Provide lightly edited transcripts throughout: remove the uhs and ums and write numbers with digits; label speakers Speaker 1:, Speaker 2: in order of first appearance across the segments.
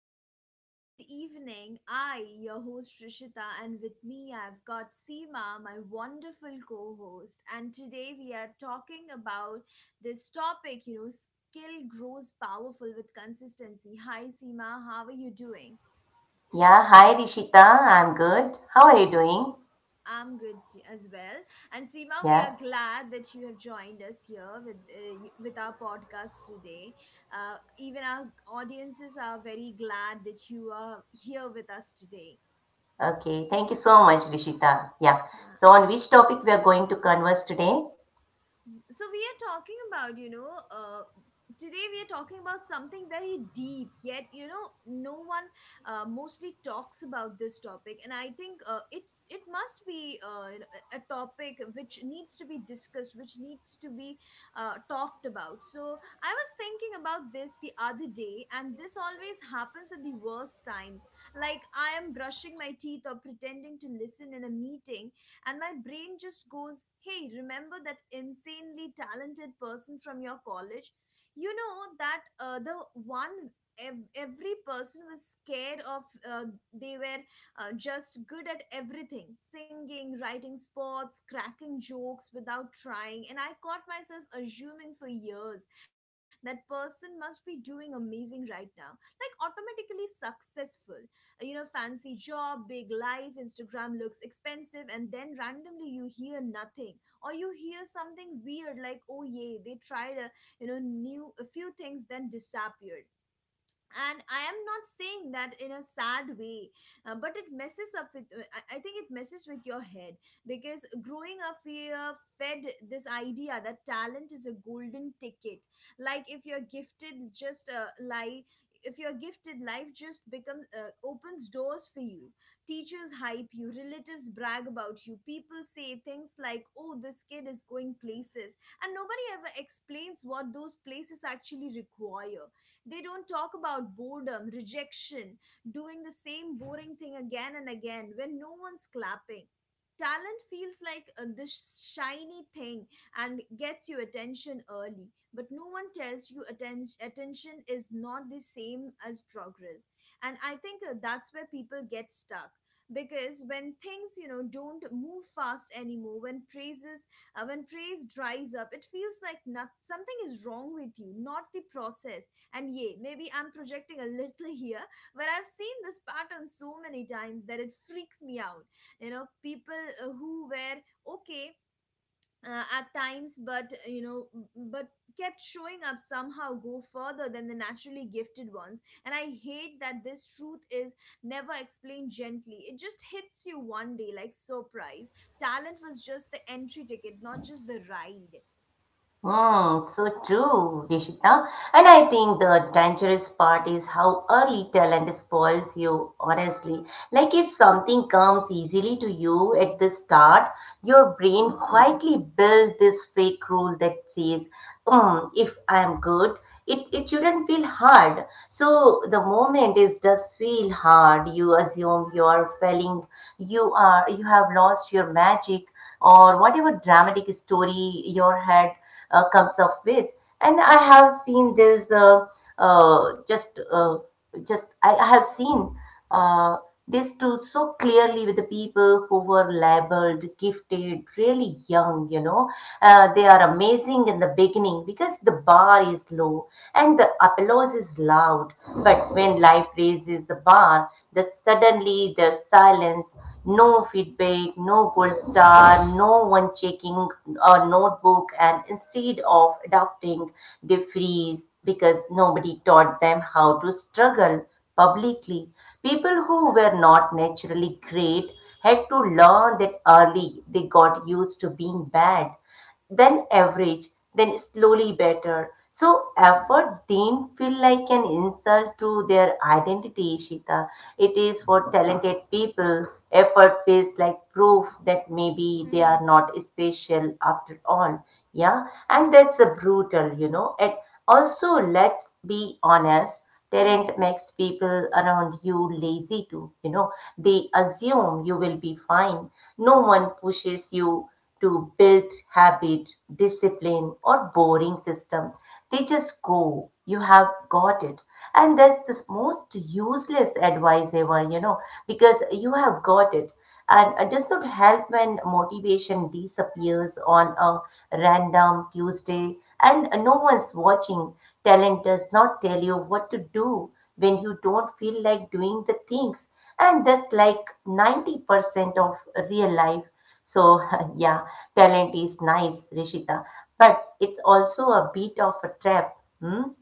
Speaker 1: everyone, good evening. I, your host Rishita, and with me I've got Seema, my wonderful co host. And today we are talking about this topic skill grows powerful with consistency. Hi, Seema, how are you doing?
Speaker 2: Yeah, hi Rishita. I'm good. How are you doing?
Speaker 1: I'm good as well. And Seema, we are
Speaker 2: Yeah.
Speaker 1: glad that you have joined us here with with our podcast today. Even our audiences are very glad that you are here with us today.
Speaker 2: Okay. Thank you so much, Rishita. Yeah.
Speaker 1: Huh
Speaker 2: So on which topic we are going to converse today?
Speaker 1: so we are talking about today we are talking about something very deep yet no one mostly talks about this topic, and I think it must be a topic which needs to be discussed, which needs to be talked about. So I was thinking about this the other day, and this always happens at the worst times, like I am brushing my teeth or pretending to listen in a meeting, and my brain just goes, hey, remember that insanely talented person from your college? You know, that the one every person was scared of. uh, they were just good at everything, singing, writing, sports, cracking jokes without trying. And I caught myself assuming for years that person must be doing amazing right now, like automatically successful, you know, fancy job, big life, Instagram looks expensive, and then randomly you hear nothing, or you hear something weird like, oh, yay, they tried new, a few things, then disappeared. And I am not saying that in a sad way, but it messes up with I think it messes with your head, because growing up we are fed this idea that talent is a golden ticket. Like if you're gifted, just lie if you're gifted, life just becomes opens doors for you. Teachers hype you, relatives brag about you, people say things like, oh, this kid is going places. And nobody ever explains what those places actually require. They don't talk about boredom, rejection, doing the same boring thing again and again when no one's clapping. Talent feels like this shiny thing and gets you attention early, but no one tells you attention is not the same as progress. And I think that's where people get stuck, because when things, you know, don't move fast anymore, when praises when praise dries up, it feels like, not, something is wrong with you, not the process. And yeah, maybe I'm projecting a little here, but I've seen this pattern so many times that it freaks me out. You know, people who were okay at times, but kept showing up somehow go further than the naturally gifted ones. And I hate that this truth is never explained gently. It just hits you one day like, surprise. Talent was just the entry ticket, not just the ride.
Speaker 2: Hmm, so true, Dishita. And I think the dangerous part is how early talent spoils you, honestly. Like if something comes easily to you at the start, your brain quietly builds this fake rule that says, hmm, if I'm good, it shouldn't feel hard. So the moment is does feel hard. You assume you are failing, you have lost your magic or whatever dramatic story your head comes up with. And I have seen this uh, uh, just, uh, just I, I have seen uh, this too so clearly with the people who were labeled gifted, really young. You know, they are amazing in the beginning because the bar is low and the applause is loud. But when life raises the bar, the suddenly there's silence, no feedback, no gold star, no one checking a notebook, and instead of adopting, they freeze because nobody taught them how to struggle publicly. People who were not naturally great had to learn that early. They got used to being bad, then average, then slowly better. So effort didn't feel like an insult to their identity, Shita. It is for talented people. Effort feels like proof that
Speaker 1: Mm-hmm.
Speaker 2: maybe they are not special after all. Yeah, and that's a brutal, you know. And also, let's be honest. Talent makes people around you lazy too. You know, they assume you will be fine. No one pushes you to build habit, discipline, or boring system. They just go. You have got it. And that's the most useless advice ever, you know, because you have got it. And it does not help when motivation disappears on a random Tuesday and no one's watching. Talent does not tell you what to do when you don't feel like doing the things. And that's like 90% of real life so, yeah, talent is nice, Rishita, but it's also a bit of a trap. Hmm?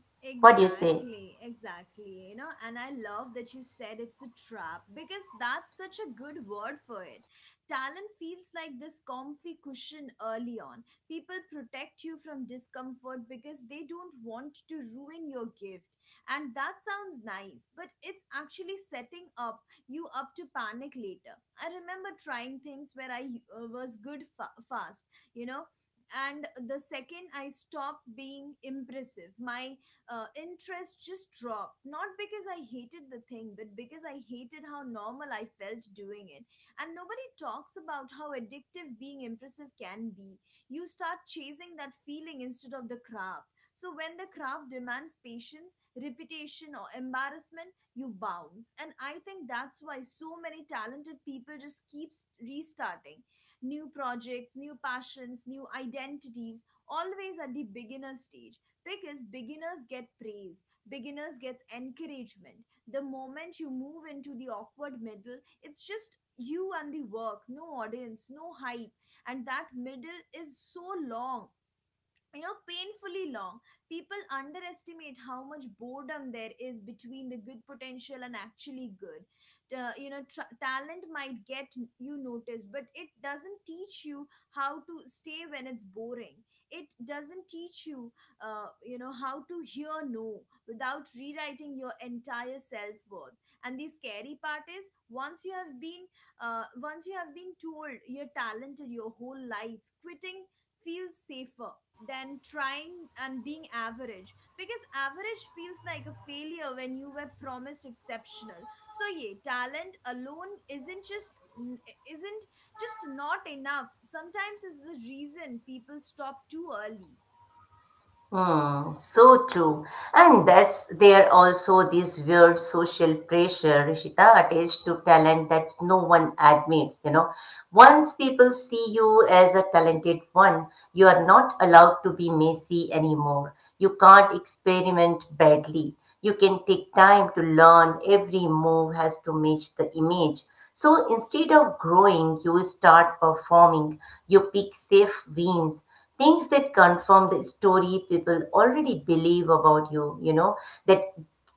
Speaker 2: What do you say?
Speaker 1: Exactly, exactly. You know, and I love that you said it's a trap, because that's such a good word for it. Talent feels like this comfy cushion early on. People protect you from discomfort because they don't want to ruin your gift. And that sounds nice, but it's actually setting up you up to panic later. I remember trying things where I was good fast, you know, and the second I stopped being impressive, my interest just dropped. Not because I hated the thing, but because I hated how normal I felt doing it. And nobody talks about how addictive being impressive can be. You start chasing that feeling instead of the craft. So when the craft demands patience, repetition, or embarrassment, you bounce. And I think that's why so many talented people just keeps restarting. New projects, new passions, new identities, always at the beginner stage, because beginners get praise, beginners gets encouragement. The moment you move into the awkward middle, it's just you and the work, no audience, no hype. And that middle is so long, you know, painfully long. People underestimate how much boredom there is between the good potential and actually good. You know tr Talent might get you noticed, but it doesn't teach you how to stay when it's boring. It doesn't teach you you know how to hear no without rewriting your entire self-worth. And the scary part is, once you have been once you have been told you're talented your whole life, quitting feels safer than trying and being average, because average feels like a failure when you were promised exceptional. So yeah, talent alone isn't just not enough, sometimes is the reason people stop too early.
Speaker 2: Hmm, so true. And that's there also this weird social pressure, Rishita, attached to talent that no one admits, you know. Once people see you as a talented one, you are not allowed to be messy anymore. You can't experiment badly. You can take time to learn. Every move has to match the image. So instead of growing, you start performing. You pick safe wins, things that confirm the story people already believe about you, you know, that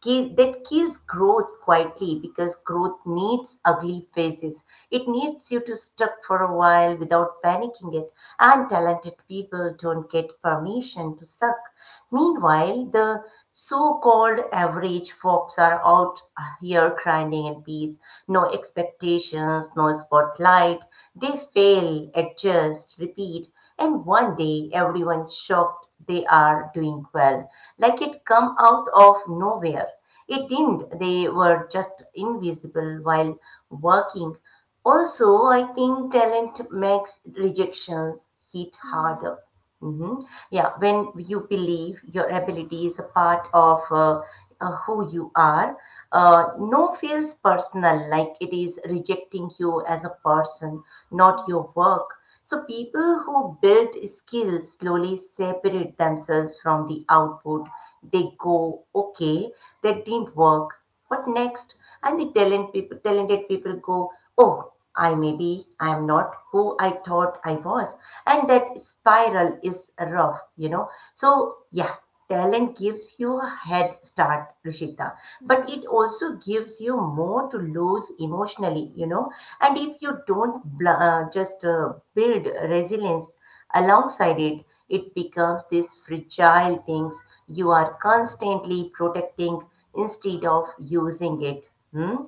Speaker 2: that kills growth quietly because growth needs ugly faces. It needs you to stuck for a while without panicking it. And talented people don't get permission to suck. Meanwhile, the so-called average folks are out here grinding in peace, no expectations, no spotlight. They fail, adjust, repeat, and one day everyone shocked they are doing well. Like it come out of nowhere. It didn't. They were just invisible while working. Also, I think talent makes rejections hit
Speaker 1: Mm-hmm.
Speaker 2: harder. Mhm. Yeah, when you believe your ability is a part of who you are, no feels personal, like it is rejecting you as a person, not your work. So people who build skills slowly separate themselves from the output. They go, okay, that didn't work. What next? And the talented people go, oh, I maybe I am not who I thought I was. And that spiral is rough, you know. So, yeah, talent gives you a head start, Rishita, but
Speaker 1: Mm-hmm.
Speaker 2: it also gives you more to lose emotionally, you know. And if you don't bl- just build resilience, alongside it, it becomes these fragile things you are constantly protecting instead of using it. Hmm?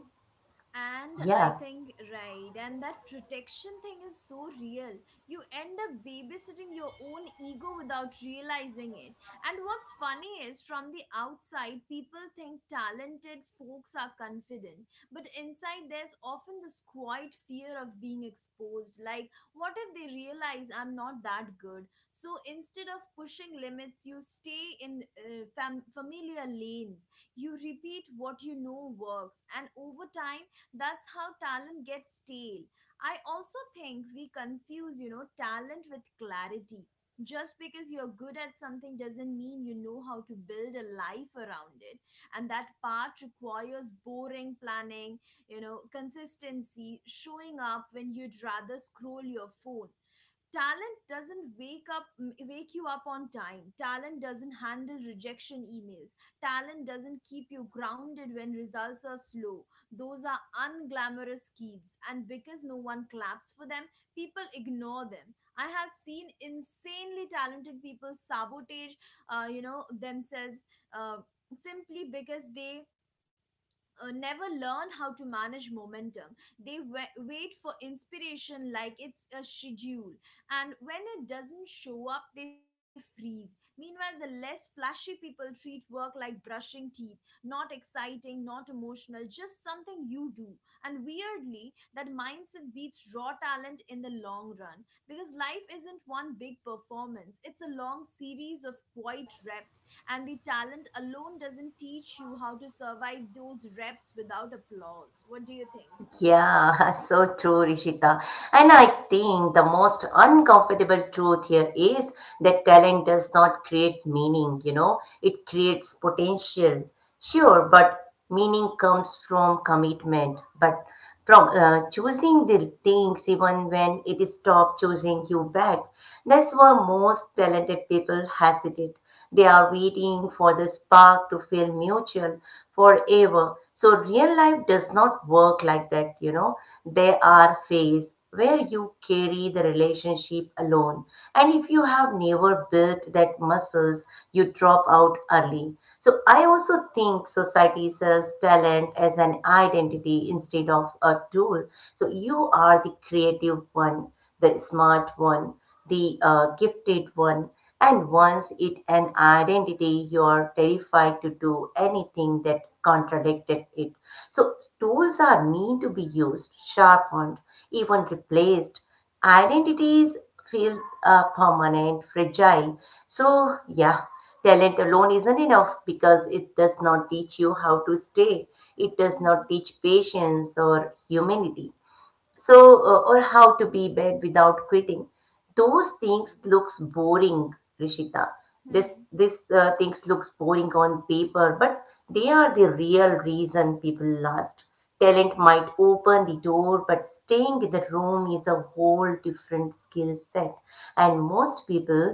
Speaker 1: And I
Speaker 2: Yeah.
Speaker 1: think, right, and that protection thing is so real. You end up babysitting your own ego without realizing it. And what's funny is, from the outside, people think talented folks are confident. But inside, there's often this quiet fear of being exposed. Like, what if they realize I'm not that good? So instead of pushing limits, you stay in familiar lanes. You repeat what you know works. And over time, that's how talent gets stale. I also think we confuse, you know, talent with clarity. Just because you're good at something doesn't mean you know how to build a life around it. And that part requires boring planning, you know, consistency, showing up when you'd rather scroll your phone. Talent doesn't wake you up on time. Talent doesn't handle rejection emails. Talent doesn't keep you grounded when results are slow. Those are unglamorous kids, and because no one claps for them, people ignore them. I have seen insanely talented people sabotage themselves uh, simply because they never learned how to manage momentum. They wait for inspiration like it's a schedule, and when it doesn't show up, they freeze. Meanwhile, the less flashy people treat work like brushing teeth, not exciting, not emotional, just something you do. And weirdly, that mindset beats raw talent in the long run, because life isn't one big performance, it's a long series of quiet reps. And the talent alone doesn't teach you how to survive those reps without applause. What do you think?
Speaker 2: Yeah, so true, Rishita. And I think the most uncomfortable truth here is that talent does not create meaning, you know, it creates potential. Sure, but meaning comes from commitment, but from choosing the things even when it is stop choosing you back. That's why most talented people hesitate. They are waiting for the spark to feel mutual forever, so real life does not work like that, you know. There are phase where you carry the relationship alone. And if you have never built that muscles, you drop out early. So I also think society sells talent as an identity instead of a tool. So you are the creative one, the smart one, the gifted one, and once it an identity, you are terrified to do anything that contradicted it. So tools are meant to be used, sharpened, even replaced. Identities feel permanent, fragile. So yeah, talent alone isn't enough because it does not teach you how to stay. It does
Speaker 1: Mhm.
Speaker 2: not teach patience or humanity, so or how to be bad without quitting. Those things looks boring, Rishita. this
Speaker 1: True.
Speaker 2: this uh, things looks boring on paper, but they are the real reason people last. Talent might open the door, but staying in the room is a whole different skill set, and most people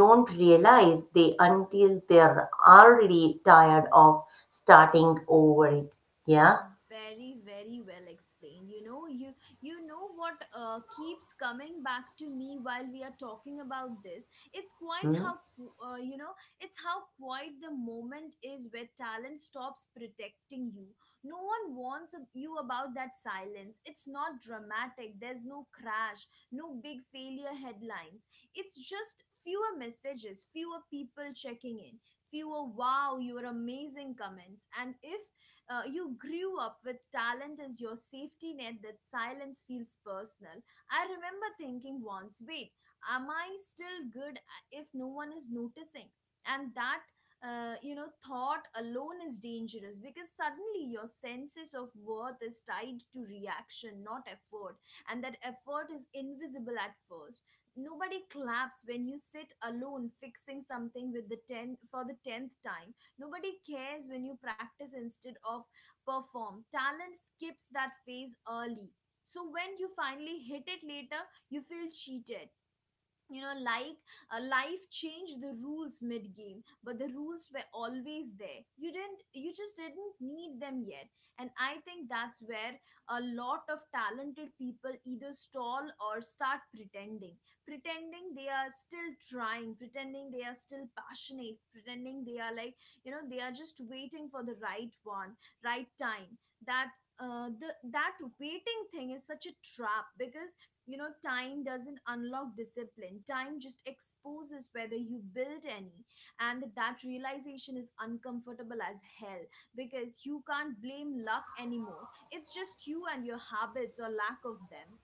Speaker 2: don't realize they until they're already tired of starting over it. Yeah.
Speaker 1: Very, very well explained, you know. You know what keeps coming back to me while we are talking about this, it's quite
Speaker 2: Hmm?
Speaker 1: how qu- you know it's how quite the moment is where talent stops protecting you. No one warns you about that silence. It's not dramatic, there's no crash, no big failure headlines. It's just fewer messages, fewer people checking in, fewer wow, you're amazing comments. And if you grew up with talent as your safety net, that silence feels personal. I remember thinking once, wait, am I still good if no one is noticing? And that thought alone is dangerous, because suddenly your senses of worth is tied to reaction, not effort. And that effort is invisible at first. Nobody claps when you sit alone fixing something with the 10 for the 10th time. Nobody cares when you practice instead of perform. Talent skips that phase early. So when you finally hit it later, you feel cheated, you know, like life changed the rules mid game, but the rules were always there. You didn't you just didn't need them yet. And I think that's where a lot of talented people either stall or start pretending, pretending they are still trying, pretending they are still passionate, pretending they are, like, you know, they are just waiting for the right time. That uh, the that waiting thing is such a trap, because, you know, time doesn't unlock discipline, time just exposes whether you build any. And that realization is uncomfortable as hell, because you can't blame luck anymore, it's just you and your habits, or lack of them.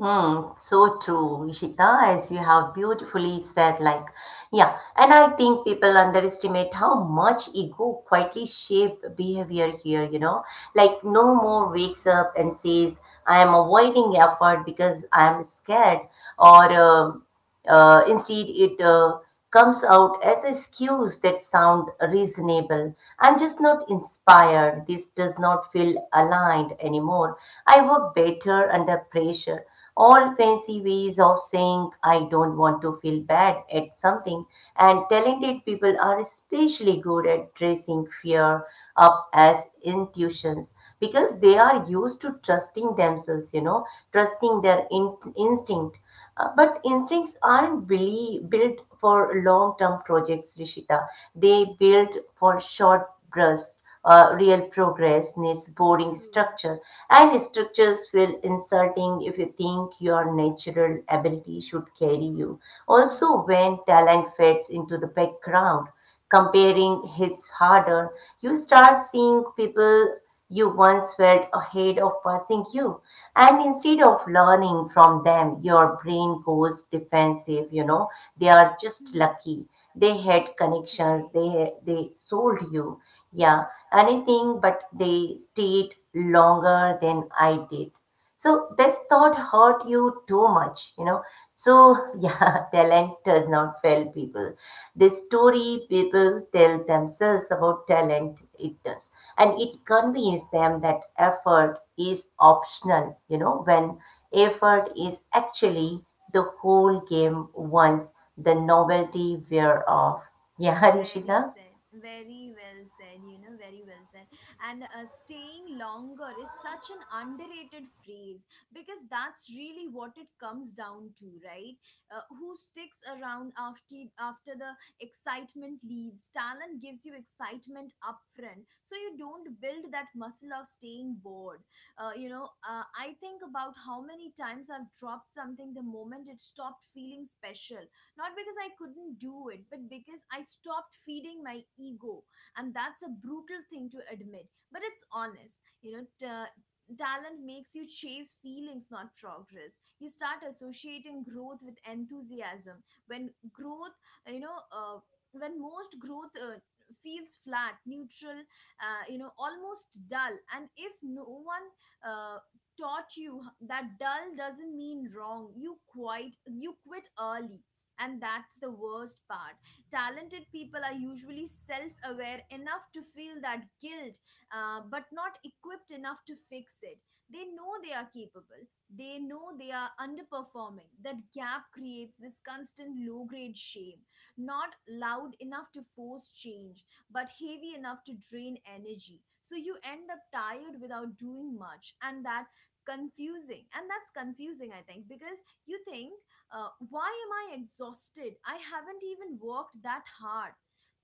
Speaker 2: Mm, so true, as you have beautifully said, like, yeah, and I think people underestimate how much ego quietly shaped behavior here, you know, like no more wakes up and says, I am avoiding effort because I am scared, or instead, it comes out as excuse that sound reasonable. I'm just not inspired. This does not feel aligned anymore. I work better under pressure. All fancy ways of saying I don't want to feel bad at something, and talented people are especially good at dressing fear up as intuitions because they are used to trusting themselves, you know, trusting their instinct. But instincts aren't really built for long-term projects, Rishita. They build for short bursts. Real progress needs boring
Speaker 1: True.
Speaker 2: structure, and structures feel insulting if you think your natural ability should carry you. Also, when talent fades into the background, comparing hits harder. You start seeing people you once felt ahead of passing you. And instead of learning from them, your brain goes defensive, you know. They are
Speaker 1: Mhm.
Speaker 2: just
Speaker 1: Mhm.
Speaker 2: lucky. They had connections,
Speaker 1: Right.
Speaker 2: they sold you. Yeah. Anything but they stayed longer than I did. So this thought hurt you too much, you know. So yeah, talent does not fail people. The story people tell themselves about talent, it does. And it conveys them that effort is optional, you know, when effort is actually the whole game once the novelty wear off. Yeah,
Speaker 1: Very
Speaker 2: Rishita?
Speaker 1: said, very well said, you know, very well said. And staying longer is such an underrated phrase, because that's really what it comes down to, right? Who sticks around after the excitement leaves? Talent gives you excitement upfront, so you don't build that muscle of staying bored. I think about how many times I've dropped something the moment it stopped feeling special, not because I couldn't do it, but because I stopped feeding my ego. And that's a brutal thing to admit, but it's honest. You know, talent makes you chase feelings, not progress. You start associating growth with enthusiasm. When growth, you know, uh, when most growth feels flat, neutral, you know, almost dull. And if no one uh, taught you that dull doesn't mean wrong, you quit early. And that's the worst part. Talented people are usually self-aware enough to feel that guilt, but not equipped enough to fix it. They know they are capable, they know they are underperforming. That gap creates this constant low grade shame, not loud enough to force change but heavy enough to drain energy. So you end up tired without doing much, and that's confusing, I think, because you think, why am I exhausted? I haven't even worked that hard.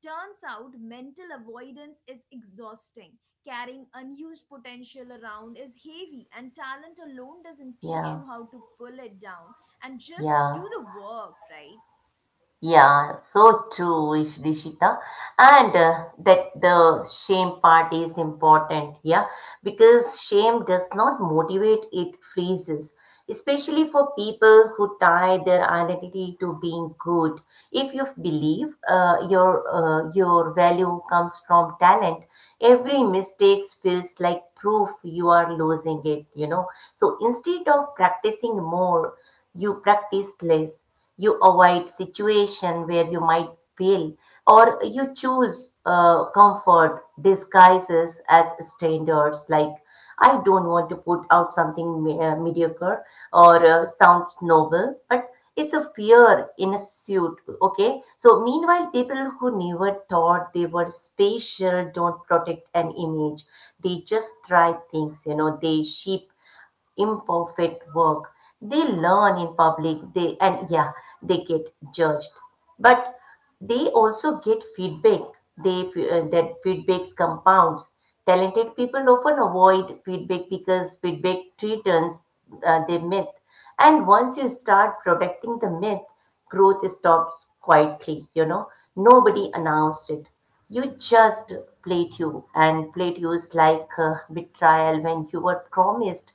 Speaker 1: Turns out mental avoidance is exhausting. Carrying unused potential around is heavy, and talent alone doesn't teach
Speaker 2: Yeah,
Speaker 1: you how to pull it down and just
Speaker 2: yeah.
Speaker 1: do the work, right?
Speaker 2: Yeah, so true, Rishita. And that the shame part is important, yeah, because shame does not motivate, it freezes, especially for people who tie their identity to being good. If you believe your value comes from talent, every mistake feels like proof you are losing it, you know. So instead of practicing more, you practice less. You avoid situation where you might fail, or you choose comfort disguises as standards, like I don't want to put out something mediocre, or sounds noble, but it's a fear in a suit, okay. So meanwhile, people who never thought they were special don't protect an image. They just try things, you know, they sheep imperfect work. They learn in public, they and yeah, they get judged, but they also get feedback. That feedbacks compounds. Talented people often avoid feedback because feedback threatens their myth. And once you start protecting the myth, growth stops quietly, you know. Nobody announced it. You just played you, and played you is like betrayal when you were promised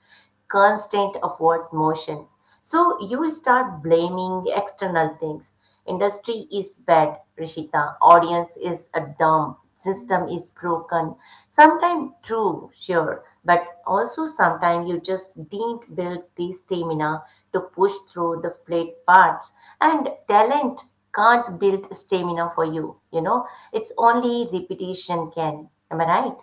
Speaker 2: constant upward motion. So you start blaming external things. Industry is bad, Rishita. Audience is a dumb. System is broken. Sometimes true, sure, but also sometimes you just didn't build the stamina to push through the flat parts. And talent can't build stamina for you. You know, it's only repetition can. Am I right?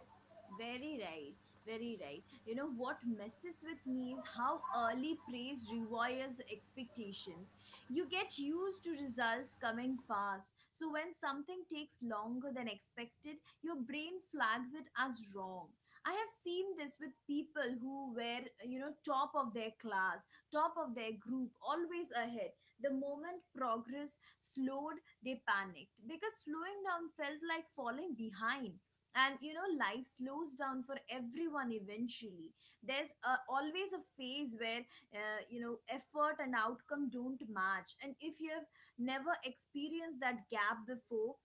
Speaker 1: Very right, very right. You know what messes with me is how early praise rewires expectations. You get used to results coming fast, so when something takes longer than expected, your brain flags it as wrong. I have seen this with people who were, you know, top of their class, top of their group, always ahead. The moment progress slowed, they panicked because slowing down felt like falling behind. And you know, life slows down for everyone eventually. There's always a phase where, you know, effort and outcome don't match. And if you have never experienced that gap before,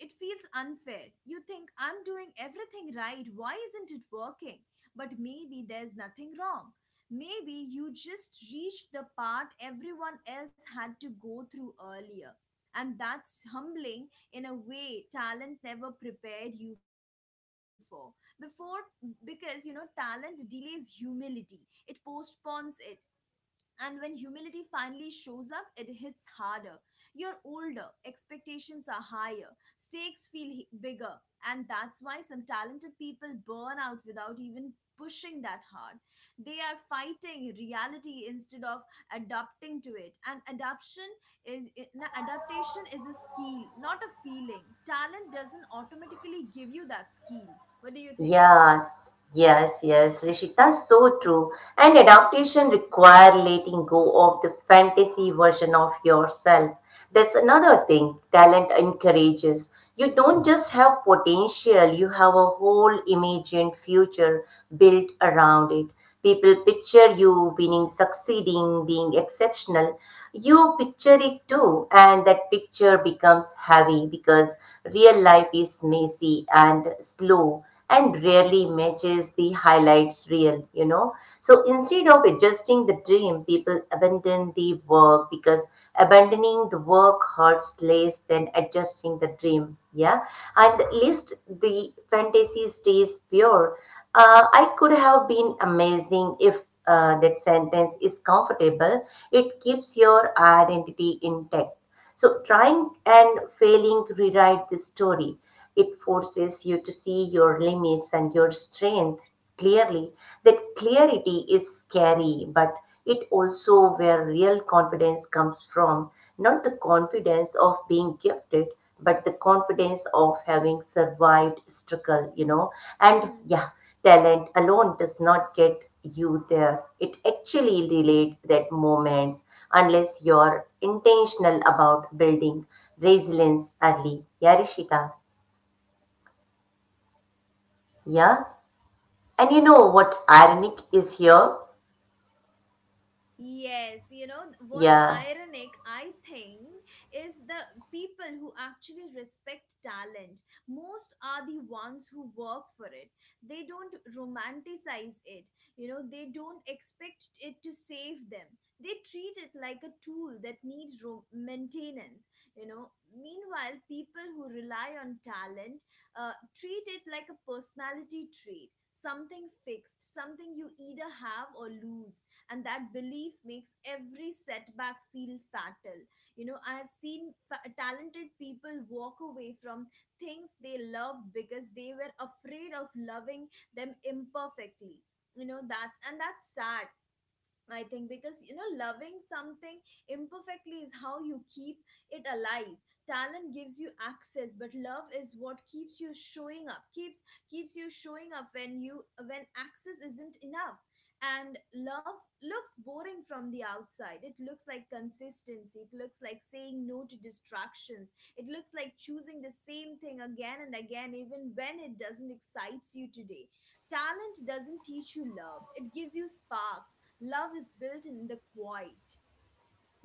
Speaker 1: it feels unfair. You think, I'm doing everything right, why isn't it working? But maybe there's nothing wrong. Maybe you just reached the part everyone else had to go through earlier, and that's humbling in a way talent never prepared you for before. Because you know, talent delays humility, it postpones it. And when humility finally shows up, it hits harder. You're older, expectations are higher, stakes feel bigger, and that's why some talented people burn out without even pushing that hard. They are fighting reality instead of adapting to it. And adaptation is a skill, not a feeling. Talent doesn't automatically give you that skill. What do you think?
Speaker 2: Yes, yes, yes, Rishita, so true. And adaptation require letting go of the fantasy version of yourself. That's another thing talent encourages. You don't just have potential, you have a whole imagined future built around it. People picture you winning, succeeding, being exceptional. You picture it too, and that picture becomes heavy because real life is messy and slow and rarely matches the highlights real, you know. So instead of adjusting the dream, people abandon the work because abandoning the work hurts less than adjusting the dream. Yeah. And at least the fantasy stays pure. I could have been amazing if that sentence is comfortable. It keeps your identity intact. So, trying and failing rewrite the story. It forces you to see your limits and your strength clearly. That clarity is scary, but it also where real confidence comes from. Not the confidence of being gifted, but the confidence of having survived struggle, And yeah, talent alone does not get you there. It actually delayed that moments unless you're intentional about building resilience early. Yeah, Rishita. Yeah. And you know what ironic is here?
Speaker 1: Yes, you know, what's
Speaker 2: Yeah.
Speaker 1: ironic, I think, is the people who actually respect talent most are the ones who work for it. They don't romanticize it, you know, they don't expect it to save them. They treat it like a tool that needs maintenance, you know. Meanwhile, people who rely on talent uh, treat it like a personality trait, something fixed, something you either have or lose. And that belief makes every setback feel fatal. You know, I have seen talented people walk away from things they loved because they were afraid of loving them imperfectly. You know, that's sad, I think, because you know, loving something imperfectly is how you keep it alive. Talent gives you access, but love is what keeps you showing up. Keeps you showing up when you when access isn't enough. And love looks boring from the outside. It looks like consistency. It looks like saying no to distractions. It looks like choosing the same thing again and again, even when it doesn't excite you today. Talent doesn't teach you love. It gives you sparks. Love is built in the quiet.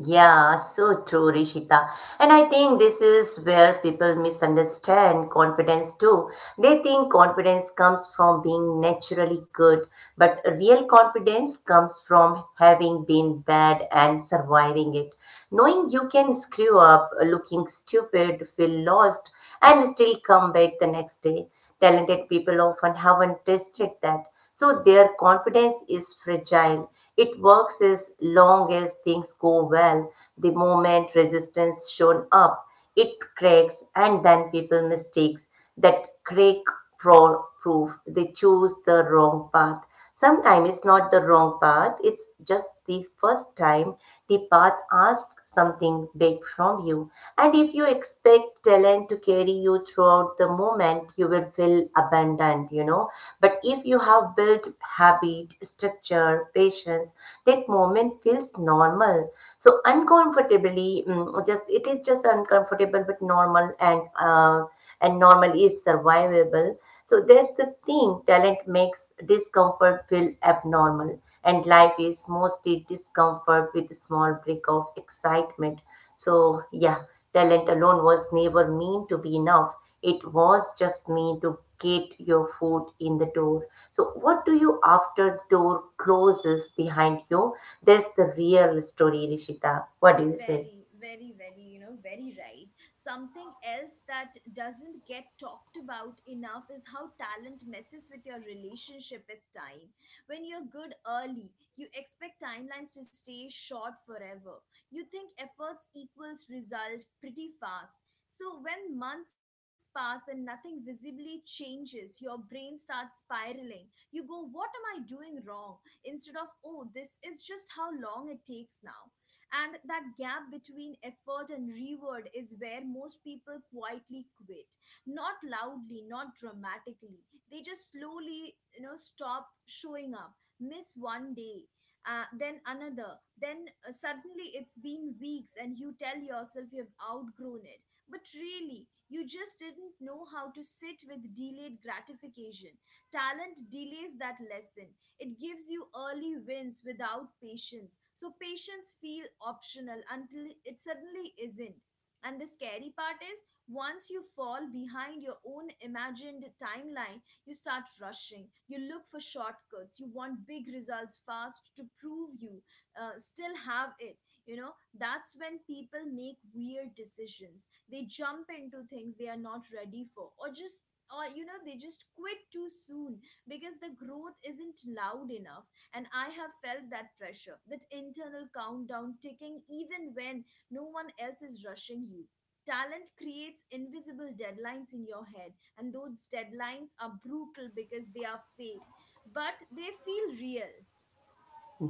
Speaker 2: Yeah, so true, Rishita. And I think this is where people misunderstand confidence too. They think confidence comes from being naturally good, but real confidence comes from having been bad and surviving it. Knowing you can screw up, looking stupid, feel lost, and still come back the next day. Talented people often haven't tested that. So their confidence is fragile. It works as long as things go well. The moment resistance shown up, it cracks and then people mistakes that crack for proof. They choose the wrong path. Sometimes it's not the wrong path, it's just the first time the path asks something big from you. And if you expect talent to carry you throughout the moment, you will feel abandoned, But if you have built habit, structure, patience, that moment feels normal. So uncomfortably, just it is just uncomfortable but normal and and normal is survivable. So that's the thing, talent makes discomfort feel abnormal, and life is mostly discomfort with a small break of excitement. So, yeah, talent alone was never meant to be enough. It was just meant to get your foot in the door. So, what do you after the door closes behind you? That's the real story, Rishita. What do you say?
Speaker 1: Very, very, very, you know, very right. Something else that doesn't get talked about enough is how talent messes with your relationship with time. When you're good early, you expect timelines to stay short forever. You think efforts equals result pretty fast. So when months pass and nothing visibly changes, your brain starts spiraling. You go, what am I doing wrong? Instead of, oh, this is just how long it takes now. And that gap between effort and reward is where most people quietly quit. Not loudly, not dramatically. They just slowly, you know, stop showing up, miss one day, then another. Then suddenly it's been weeks and you tell yourself you've outgrown it. But really, you just didn't know how to sit with delayed gratification. Talent delays that lesson. It gives you early wins without patience. So patience feel optional until it suddenly isn't. And the scary part is, once you fall behind your own imagined timeline, you start rushing. You look for shortcuts. You want big results fast to prove you still have it. You know, that's when people make weird decisions. They jump into things they are not ready for, or you know, they just quit too soon because the growth isn't loud enough. And I have felt that pressure, that internal countdown ticking even when no one else is rushing you. Talent creates invisible deadlines in your head, and those deadlines are brutal because they are fake, but they feel real.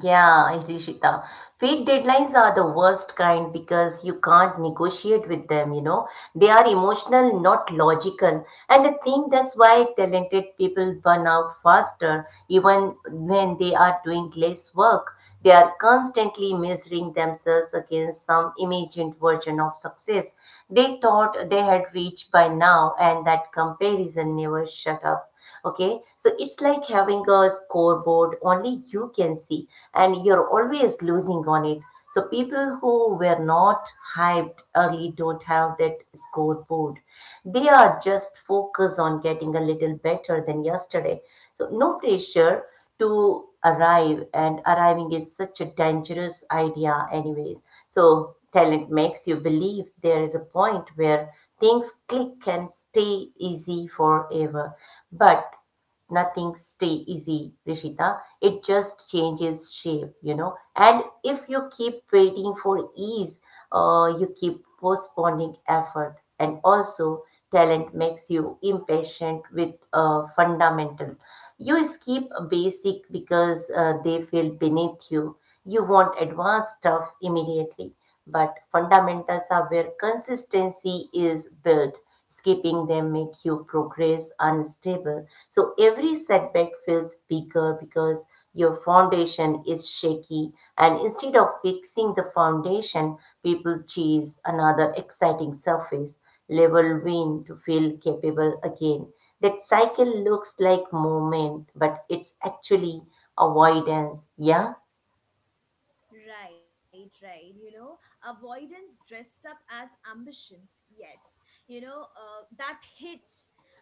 Speaker 2: Yeah, Ishita. Fake deadlines are the worst kind because you can't negotiate with them, They are emotional, not logical. And I think that's why talented people burn out faster, even when they are doing less work. They are constantly measuring themselves against some imagined version of success they thought they had reached by now, and that comparison never shut up. Okay, so it's like having a scoreboard only you can see and you're always losing on it. So people who were not hyped early don't have that scoreboard. They are just focused on getting a little better than yesterday, so no pressure to arrive, and arriving is such a dangerous idea anyways. So talent makes you believe there is a point where things click and stay easy forever. But nothing stay easy, Rishita. It just changes shape, And if you keep waiting for ease, you keep postponing effort. And also, talent makes you impatient with fundamental. You skip basic because they feel beneath you. You want advanced stuff immediately, but fundamentals are where consistency is built. Skipping them make you progress unstable. So every setback feels bigger because your foundation is shaky. And instead of fixing the foundation, people chase another exciting surface level win to feel capable again. That cycle looks like movement, but it's actually avoidance. Yeah,
Speaker 1: Right, right. You know, avoidance dressed up as ambition. Yes, you know, that hits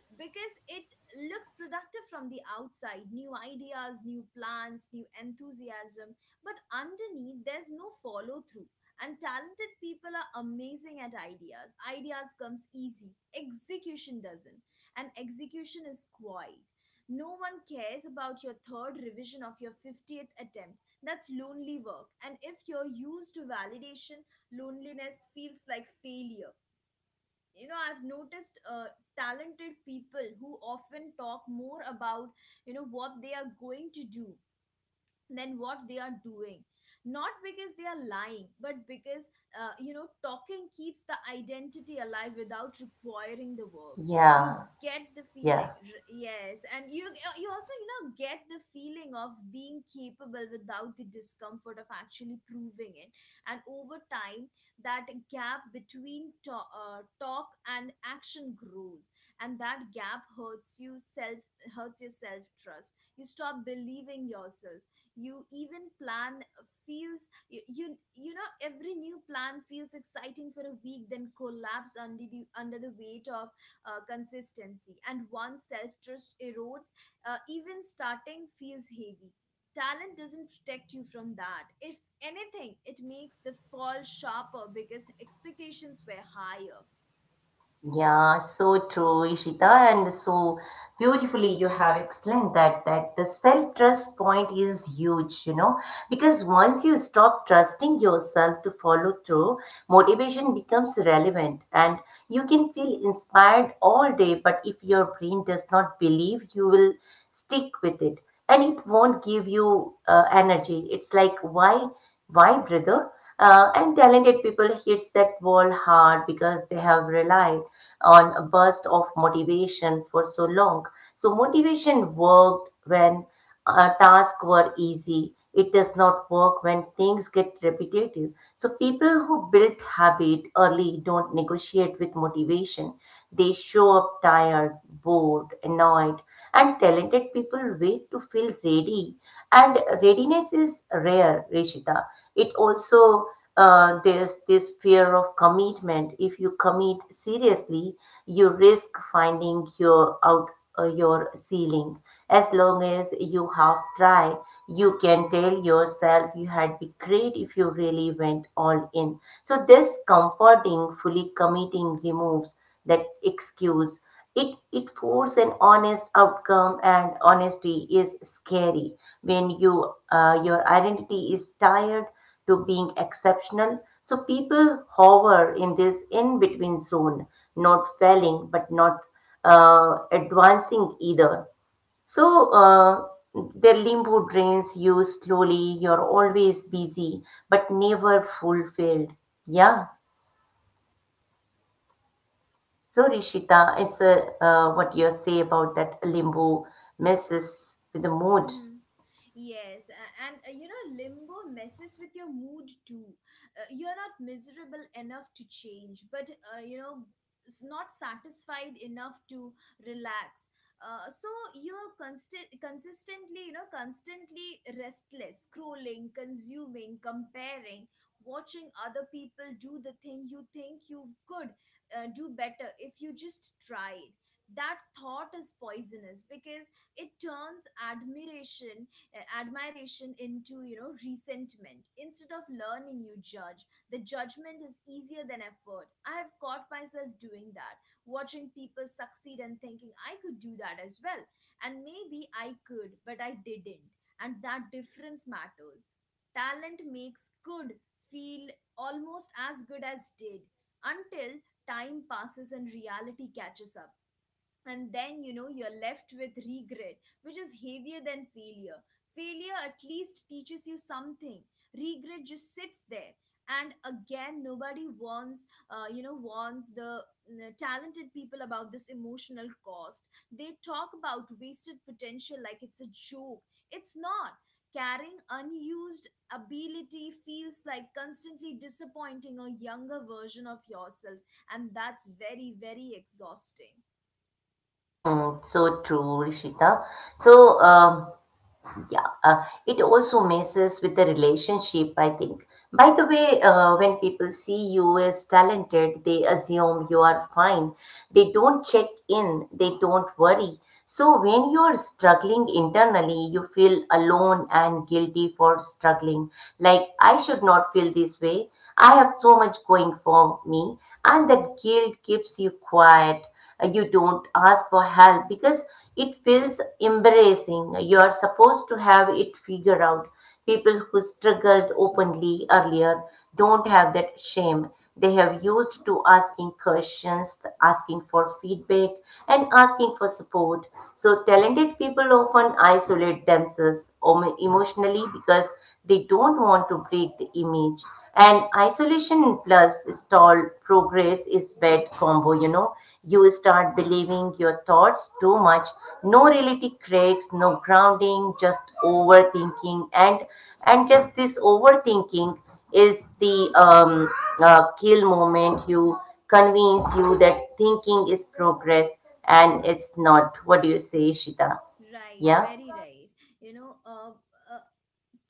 Speaker 1: because it looks productive from the outside: new ideas, new plans, new enthusiasm. But underneath, there's no follow through. And talented people are amazing at ideas. Ideas comes easy, execution doesn't. And execution is quiet. No one cares about your third revision of your 50th attempt. That's lonely work. And if you're used to validation, loneliness feels like failure. You know, I've noticed talented people who often talk more about, you know, what they are going to do than what they are doing, not because they are lying, but because you know, talking keeps the identity alive without requiring the work. You
Speaker 2: yeah,
Speaker 1: get the feeling
Speaker 2: yeah,
Speaker 1: yes, and you, you also, you know, get the feeling of being capable without the discomfort of actually proving it. And over time that gap between talk and action grows. And that gap hurts your self trust. You stop believing yourself. You even plan feels you, you you know every new plan feels exciting for a week, then collapse under the weight of consistency, and one's self-trust erodes. Even starting feels heavy. Talent doesn't protect you from that. If anything, it makes the fall sharper because expectations were higher.
Speaker 2: yeah. So true, Ishita, and so beautifully you have explained that that the self trust point is huge. You know, because once you stop trusting yourself to follow through, motivation becomes relevant, and you can feel inspired all day. But if your brain does not believe you will stick with it and it won't give you energy. It's like why brother. And talented people hits that wall hard because they have relied on a burst of motivation for so long. So motivation worked when tasks were easy. It does not work when things get repetitive. So, people who built habit early don't negotiate with motivation. They show up tired, bored, annoyed, and talented people wait to feel ready. And readiness is rare, Rishita. It also there's this fear of commitment. If you commit seriously, you risk finding your out your ceiling. As long as you half try, you can tell yourself you had be great if you really went all in. So this comforting, fully committing removes that excuse. It forces an honest outcome, and honesty is scary when you your identity is tired to being exceptional. So people hover in this in between zone, not failing but not advancing either. So their limbo drains you slowly, you're always busy but never fulfilled. Yeah. So Rishita, it's a, what you say about that limbo messes with the mood.
Speaker 1: Yes, and you know, limbo messes with your mood too. You're not miserable enough to change, but you know, not satisfied enough to relax. So you're consistently, you know, constantly restless, scrolling, consuming, comparing, watching other people do the thing you think you could do better if you just tried. That thought is poisonous because it turns admiration into, you know, resentment. Instead of learning, you judge. The judgment is easier than effort. I have caught myself doing that, watching people succeed and thinking I could do that as well. And maybe I could, but I didn't. And that difference matters. Talent makes good feel almost as good as did, until time passes and reality catches up. And then you know, you're left with regret, which is heavier than failure. Failure at least teaches you something. Regret just sits there. And again, nobody warns you know, warns the talented people about this emotional cost. They talk about wasted potential like it's a joke. It's not. Carrying unused ability feels like constantly disappointing a younger version of yourself, and that's very, very exhausting.
Speaker 2: Hmm, so true, Rishita. So, yeah, it also messes with the relationship, I think. By the way, when people see you as talented, they assume you are fine. They don't check in, they don't worry. So when you are struggling internally, you feel alone and guilty for struggling. Like, I should not feel this way. I have so much going for me. And that guilt keeps you quiet. You don't ask for help because it feels embarrassing. You are supposed to have it figured out. People who struggled openly earlier don't have that shame. They have used to asking questions, asking for feedback, and asking for support. So talented people often isolate themselves emotionally because they don't want to break the image. And isolation plus stalled progress is bad combo, you know. You start believing your thoughts too much. No reality cracks, no grounding, just overthinking. And just this overthinking is the kill moment. You convince you that thinking is progress, and it's not. What do you say, Ishita?
Speaker 1: Right,
Speaker 2: Yeah.
Speaker 1: very right. You know, uh,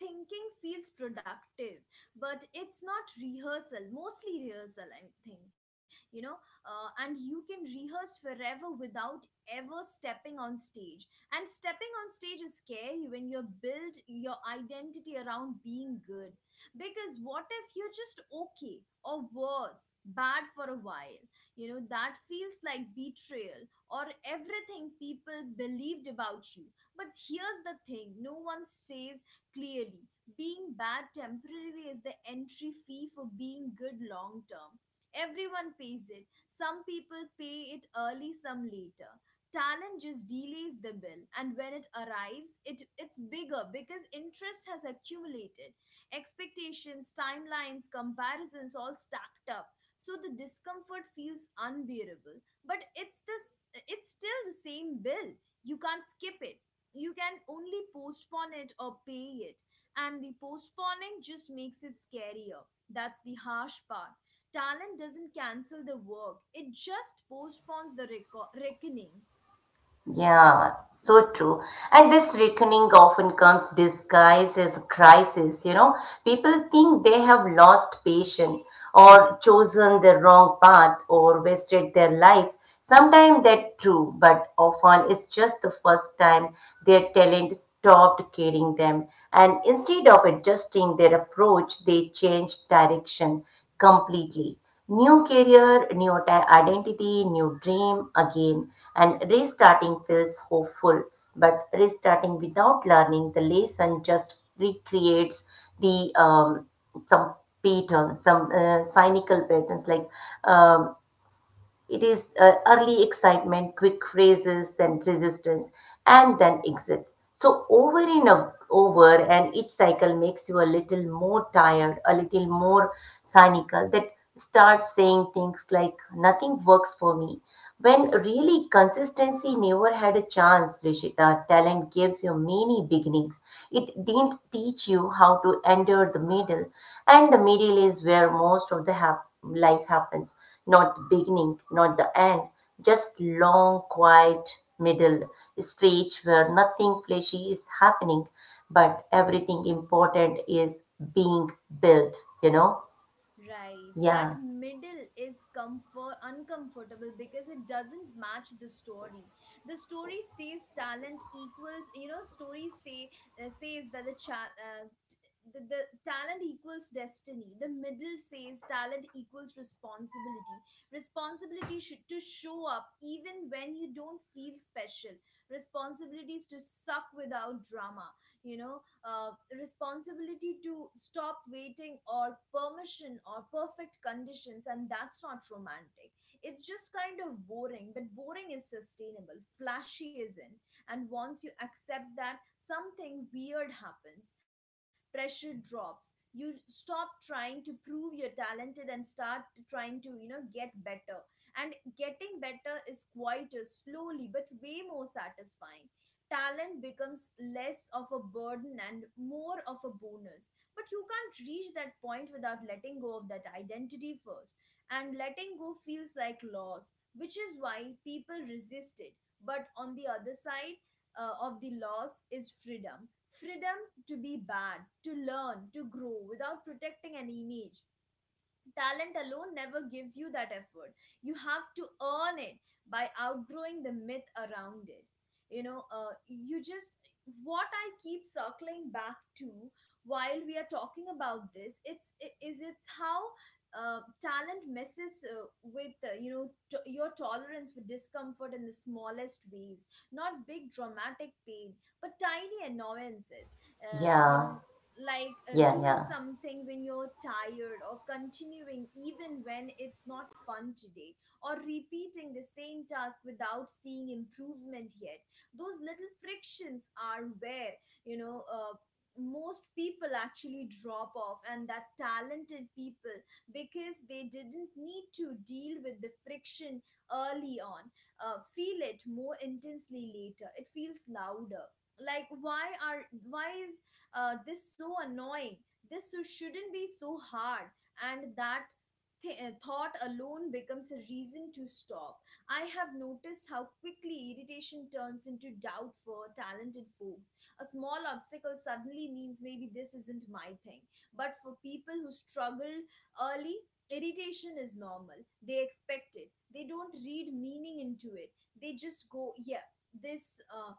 Speaker 1: thinking feels productive, but it's not rehearsal mostly rehearsal, I think, you know. And you can rehearse forever without ever stepping on stage. And stepping on stage is scary when you build your identity around being good, because what if you're just okay, or worse, bad for a while? You know, that feels like betrayal or everything people believed about you. But here's the thing no one says clearly: being bad temporarily is the entry fee for being good long term. Everyone pays it. Some people pay it early, some later. Talent just delays the bill, and when it arrives, it's bigger because interest has accumulated. Expectations, timelines, comparisons all stacked up. So the discomfort feels unbearable. But it's still the same bill. You can't skip it, you can only postpone it or pay it. And the postponing just makes it scarier. That's the harsh part. Talent doesn't cancel the work, it just postpones the reckoning.
Speaker 2: Yeah, so true. And this reckoning often comes disguised as a crisis. You know, people think they have lost patience or chosen the wrong path or wasted their life. Sometimes that's true, but often it's just the first time their talent stopped carrying them. And instead of adjusting their approach, they changed direction completely. New career, identity, new dream again, and restarting feels hopeful, but restarting without learning the lesson just recreates the some pattern, some cynical patterns like um, it is early excitement, quick raises, then resistance, and then exit. So over over, and each cycle makes you a little more tired, a little more cynical. That starts saying things like, "Nothing works for me," when really consistency never had a chance, Rishita. Talent gives you many beginnings. It didn't teach you how to endure the middle, and the middle is where most of the life happens. Not the beginning, not the end, just long, quiet middle stretch where nothing flashy is happening, but everything important is being built. You know?
Speaker 1: Right. That
Speaker 2: Yeah,
Speaker 1: middle is comfort uncomfortable because it doesn't match the story. The story stays talent equals you know story stay says that the chat t- the talent equals destiny. The middle says talent equals responsibility. Responsibility should to show up even when you don't feel special. Responsibilities to suck without drama. You know, uh, responsibility to stop waiting or permission or perfect conditions. And that's not romantic, it's just kind of boring. But boring is sustainable, flashy isn't. And once you accept that, something weird happens. Pressure drops. You stop trying to prove you're talented and start trying to, you know, get better. And getting better is quieter, slowly, but way more satisfying. Talent becomes less of a burden and more of a bonus. But you can't reach that point without letting go of that identity first. And letting go feels like loss, which is why people resist it. But on the other side of the loss is freedom, freedom to be bad, to learn, to grow without protecting an image. Talent alone never gives you that effort. You have to earn it by outgrowing the myth around it. You know, uh, you just, what I keep circling back to while we are talking about this, it's, I- is it's how talent messes with, your tolerance for discomfort in the smallest ways, not big dramatic pain, but tiny annoyances, uh, you
Speaker 2: yeah,
Speaker 1: know like
Speaker 2: yeah,
Speaker 1: doing
Speaker 2: yeah,
Speaker 1: something when you're tired, or continuing even when it's not fun today, or repeating the same task without seeing improvement yet. Those little frictions are where, you know uh, most people actually drop off, and that talented people, because they didn't need to deal with the friction early on, feel it more intensely later. It feels louder, like why is this so annoying, this so shouldn't be so hard, and that thought alone becomes a reason to stop. I have noticed how quickly irritation turns into doubt for talented folks. A small obstacle suddenly means maybe this isn't my thing. But for people who struggle early, irritation is normal. They expect it, they don't read meaning into it. They just go, yeah, this,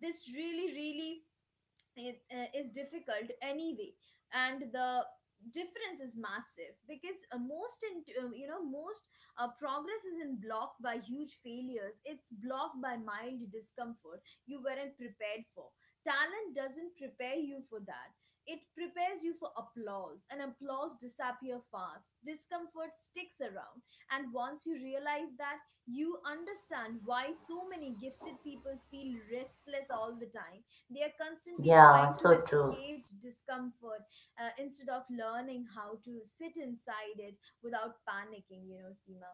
Speaker 1: this really really it is difficult anyway. And the difference is massive, because most, in, you know most progress isn't blocked by huge failures, it's blocked by mild discomfort you weren't prepared for. Talent doesn't prepare you for that. It prepares you for applause, and applause disappear fast. Discomfort sticks around. And once you realize that, you understand why so many gifted people feel restless all the time. They are constantly
Speaker 2: yeah.
Speaker 1: trying to
Speaker 2: So true.
Speaker 1: escape discomfort instead of learning how to sit inside it without panicking, you know, Seema.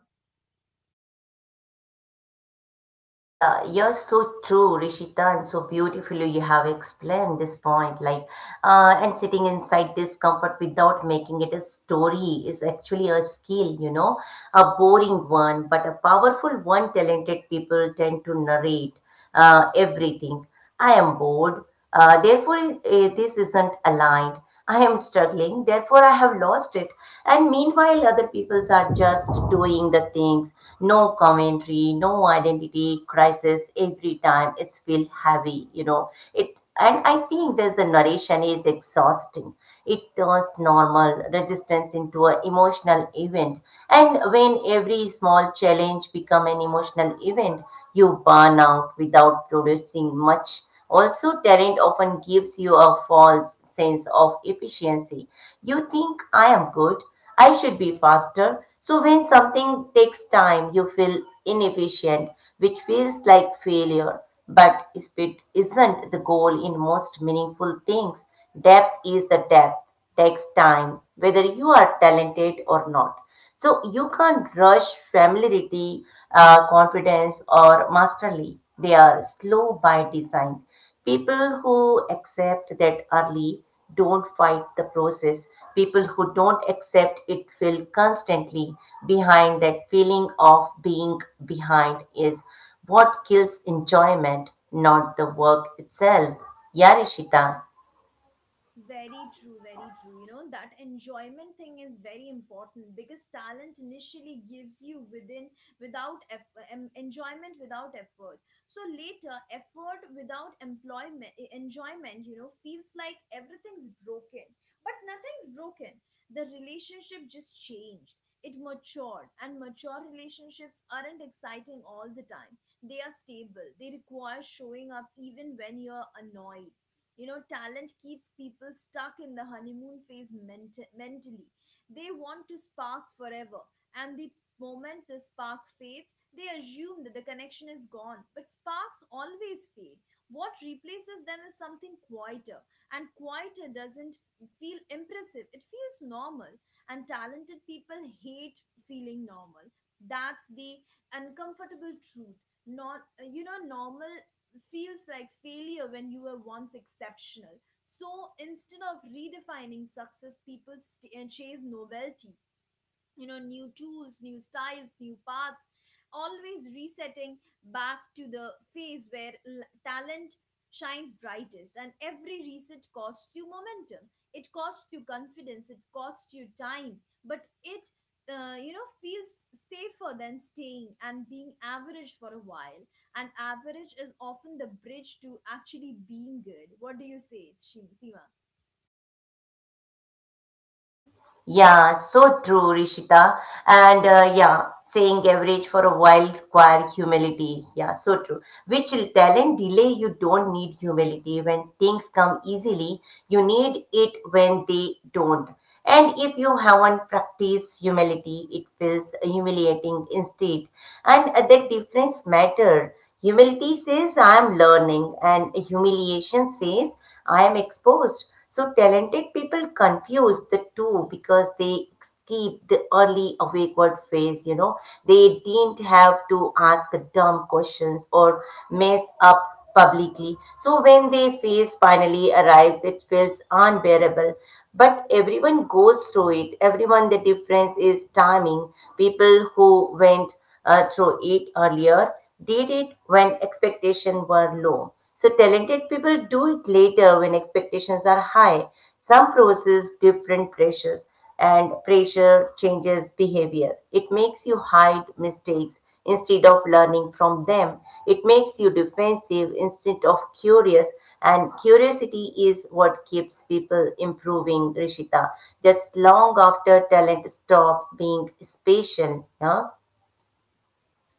Speaker 2: Yeah, you're so true, Rishita, and so beautifully you have explained this point. Like, and sitting inside discomfort without making it a story is actually a skill, you know, a boring one, but a powerful one. Talented people tend to narrate everything. I am bored. Therefore, this isn't aligned. I am struggling. Therefore, I have lost it. And meanwhile, other peoples are just doing the things. No commentary, no identity crisis. Every time it's feel heavy, you know. It and I think there's the narration is exhausting. It turns normal resistance into an emotional event. And when every small challenge becomes an emotional event, you burn out without producing much. Also, talent often gives you a false sense of efficiency. You think, I am good, I should be faster. So, when something takes time, you feel inefficient, which feels like failure. But speed isn't the goal in most meaningful things. Depth is the depth, takes time, whether you are talented or not. So you can't rush familiarity, confidence, or mastery. They are slow by design. People who accept that early don't fight the process. People who don't accept it feel constantly behind. That feeling of being behind is what kills enjoyment, not the work itself. Yeah, Rishita.
Speaker 1: Very true, very true. You know, that enjoyment thing is very important because talent initially gives you within without effort, enjoyment without effort. So later, effort without employment, e, enjoyment, you know, feels like everything's broken. But nothing's broken. The relationship just changed. It matured, and mature relationships aren't exciting all the time. They are stable. They require showing up even when you're annoyed. You know, talent keeps people stuck in the honeymoon phase mentally. They want to spark forever, and the moment the spark fades, they assume that the connection is gone. But sparks always fade. What replaces them is something quieter, and quieter doesn't feel impressive, it feels normal. And talented people hate feeling normal. That's the uncomfortable truth. Not, you know, normal feels like failure when you were once exceptional. So instead of redefining success, people chase novelty, you know, new tools, new styles, new paths, always resetting back to the phase where talent shines brightest. And every reset costs you momentum, it costs you confidence, it costs you time. But it, you know, feels safer than staying and being average for a while. And average is often the bridge to actually being good. What do you say, Seema?
Speaker 2: Yeah, so true, Rishita. And yeah, saying average for a while require humility. Yeah, so true. Which talent delay you don't need humility. When things come easily, you need it when they don't. And if you haven't practiced humility, it feels humiliating instead. And the difference matter. Humility says, I am learning, and humiliation says, I am exposed. So, talented people confuse the two because they skip the early awkward phase, you know. They didn't have to ask dumb questions or mess up publicly. So, when their phase finally arrives, it feels unbearable. But everyone goes through it. Everyone, the difference is timing. People who went through it earlier, did it when expectations were low. So talented people do it later when expectations are high. Some process different pressures and pressure changes behavior. It makes you hide mistakes instead of learning from them. It makes you defensive instead of curious. And curiosity is what keeps people improving, Rishita. Just long after talent stops being special. Yeah?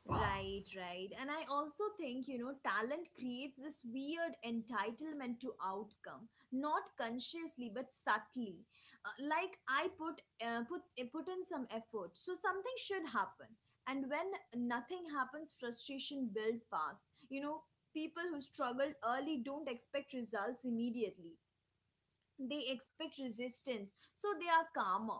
Speaker 1: Right, right. And I also think, you know, talent creates this weird entitlement to outcome, not consciously but subtly. Like I put in some effort, so something should happen. And when nothing happens, frustration builds fast. You know, people who struggled early don't expect results immediately, they expect resistance, so they are calmer.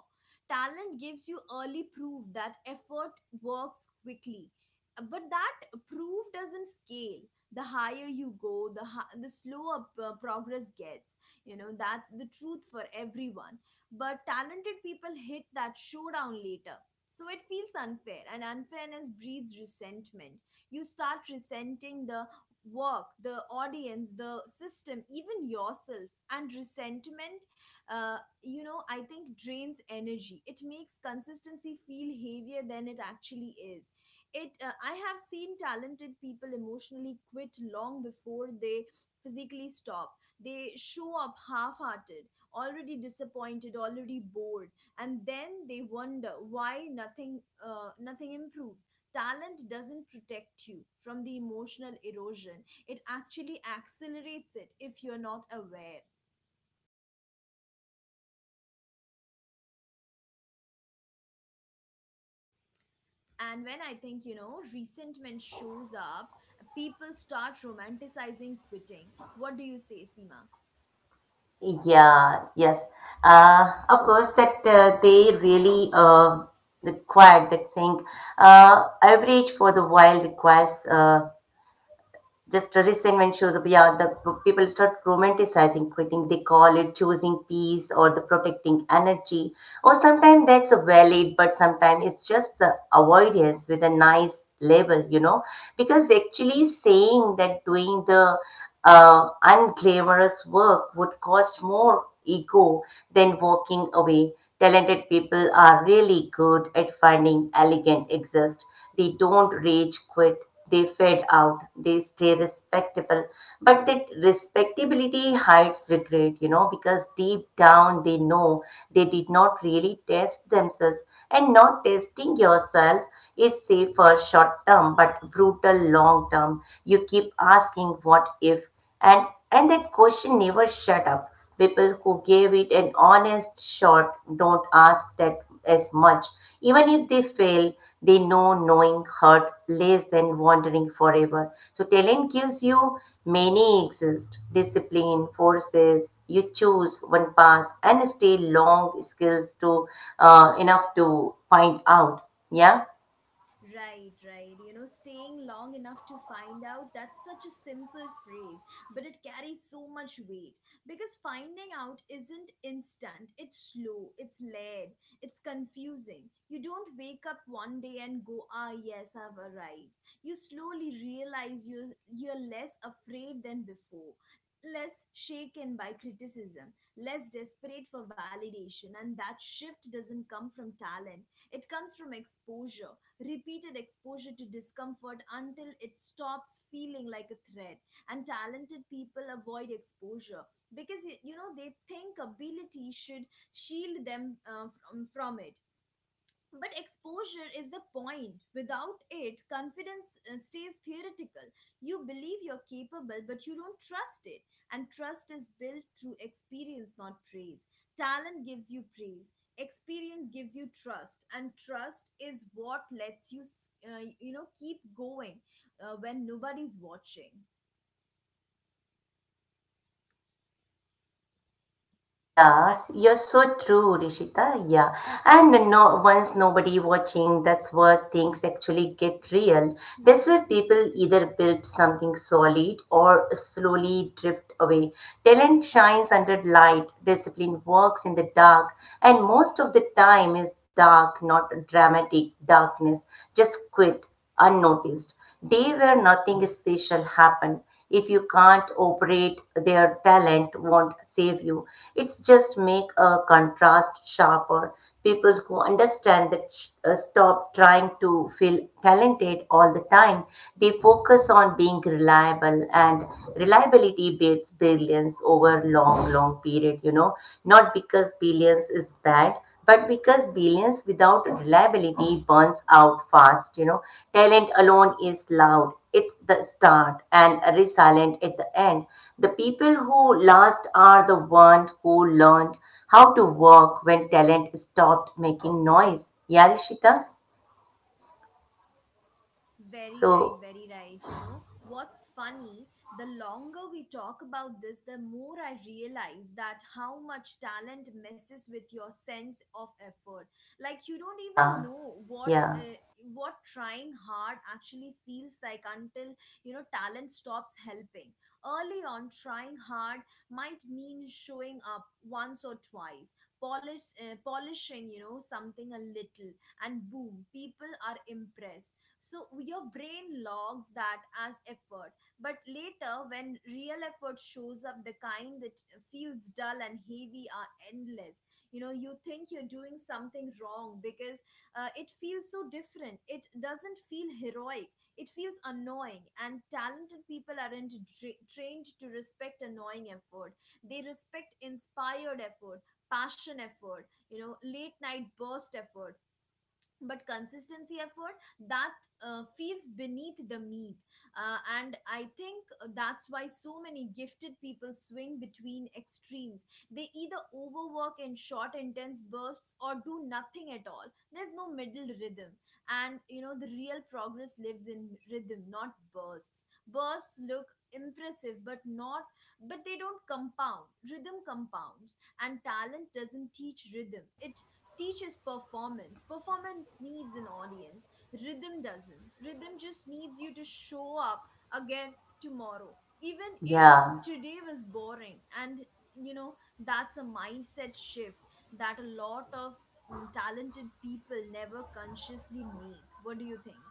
Speaker 1: Talent gives you early proof that effort works quickly, but that proof doesn't scale. The higher you go, the slower progress gets. You know, that's the truth for everyone. But talented people hit that showdown later. So it feels unfair, and unfairness breeds resentment. You start resenting the work, the audience, the system, even yourself. And resentment, uh, you know, I think drains energy. It makes consistency feel heavier than it actually is. It, I have seen talented people emotionally quit long before they physically stop. They show up half-hearted, already disappointed, already bored, and then they wonder why nothing improves. Talent doesn't protect you from the emotional erosion, it actually accelerates it if you're not aware. And when I think, you know, resentment shows up, people start romanticizing quitting. What do you say, Seema?
Speaker 2: Yeah, yes. Of course, that they really required that thing. Average for the while requires just the resentment shows up. Yeah, the people start romanticizing quitting. They call it choosing peace or the protecting energy. Or sometimes that's valid, but sometimes it's just the avoidance with a nice label, you know. Because actually saying that doing the unglamorous work would cost more ego than walking away. Talented people are really good at finding elegant exist, they don't rage quit, they fade out, they stay respectable. But that respectability hides regret, you know, because deep down they know they did not really test themselves. And not testing yourself is safer short term but brutal long term. You keep asking what if, and and that question never shut up. People who gave it an honest shot don't ask that as much. Even if they fail, they know knowing hurt less than wandering forever. So talent gives you many exist. Discipline forces you choose one path and stay long skills to enough to find out. Yeah.
Speaker 1: Right, right. You know, staying long enough to find out, that's such a simple phrase, but it carries so much weight. Because finding out isn't instant, it's slow, it's layered, it's confusing. You don't wake up one day and go, ah, yes, I've arrived. You slowly realize you're less afraid than before. Less shaken by criticism, less desperate for validation. And that shift doesn't come from talent. It comes from exposure, repeated exposure to discomfort until it stops feeling like a threat. And talented people avoid exposure because, you know, they think ability should shield them from it. But exposure is the point. Without it, confidence stays theoretical. You believe you're capable, but you don't trust it. And trust is built through experience, not praise. Talent gives you praise, experience gives you trust, and trust is what lets you, you know, keep going when nobody's watching.
Speaker 2: Yeah, you're so true, Rishita. Yeah. And no, once nobody watching, that's where things actually get real. That's
Speaker 1: Mm-hmm.
Speaker 2: where people either build something solid or slowly drift away. Talent shines under light, discipline works in the dark, and most of the time is dark, not dramatic darkness, just quit unnoticed day where nothing special happen. If you can't operate, their talent won't save you, it's just make a contrast sharper. People who understand that stop trying to feel talented all the time, they focus on being reliable, and reliability builds billions over long period, you know, not because billions is bad but because brilliance without reliability burns out fast, you know, talent alone is loud. It's the start and resilient at the end. The people who last are the ones who learned how to work when talent stopped making noise. Yeah, Rishita?
Speaker 1: Very right,
Speaker 2: So,
Speaker 1: very right. You know, what's funny, the longer we talk about this, the more I realize that how much talent messes with your sense of effort. Like you don't even
Speaker 2: yeah,
Speaker 1: know
Speaker 2: yeah,
Speaker 1: what trying hard actually feels like until, you know, talent stops helping. Early on, trying hard might mean showing up once or twice, polishing, you know, something a little, and boom, people are impressed. So your brain logs that as effort. But later, when real effort shows up, the kind that feels dull and heavy are endless, you know, you think you're doing something wrong, because it feels so different. It doesn't feel heroic, it feels annoying. And talented people aren't trained to respect annoying effort. They respect inspired effort, passion effort, you know, late night burst effort. But consistency effort, that, feels beneath the meat. And I think that's why so many gifted people swing between extremes. They either overwork in short intense bursts or do nothing at all. There's no middle rhythm. And you know, the real progress lives in rhythm, not bursts. Bursts look impressive but not But they don't compound. Rhythm compounds. And talent doesn't teach rhythm, it teaches performance. Performance needs an audience. Rhythm doesn't. Rhythm just needs you to show up again tomorrow. Even if
Speaker 2: yeah.
Speaker 1: today was boring, and you know, that's a mindset shift that a lot of talented people never consciously make. What do you think?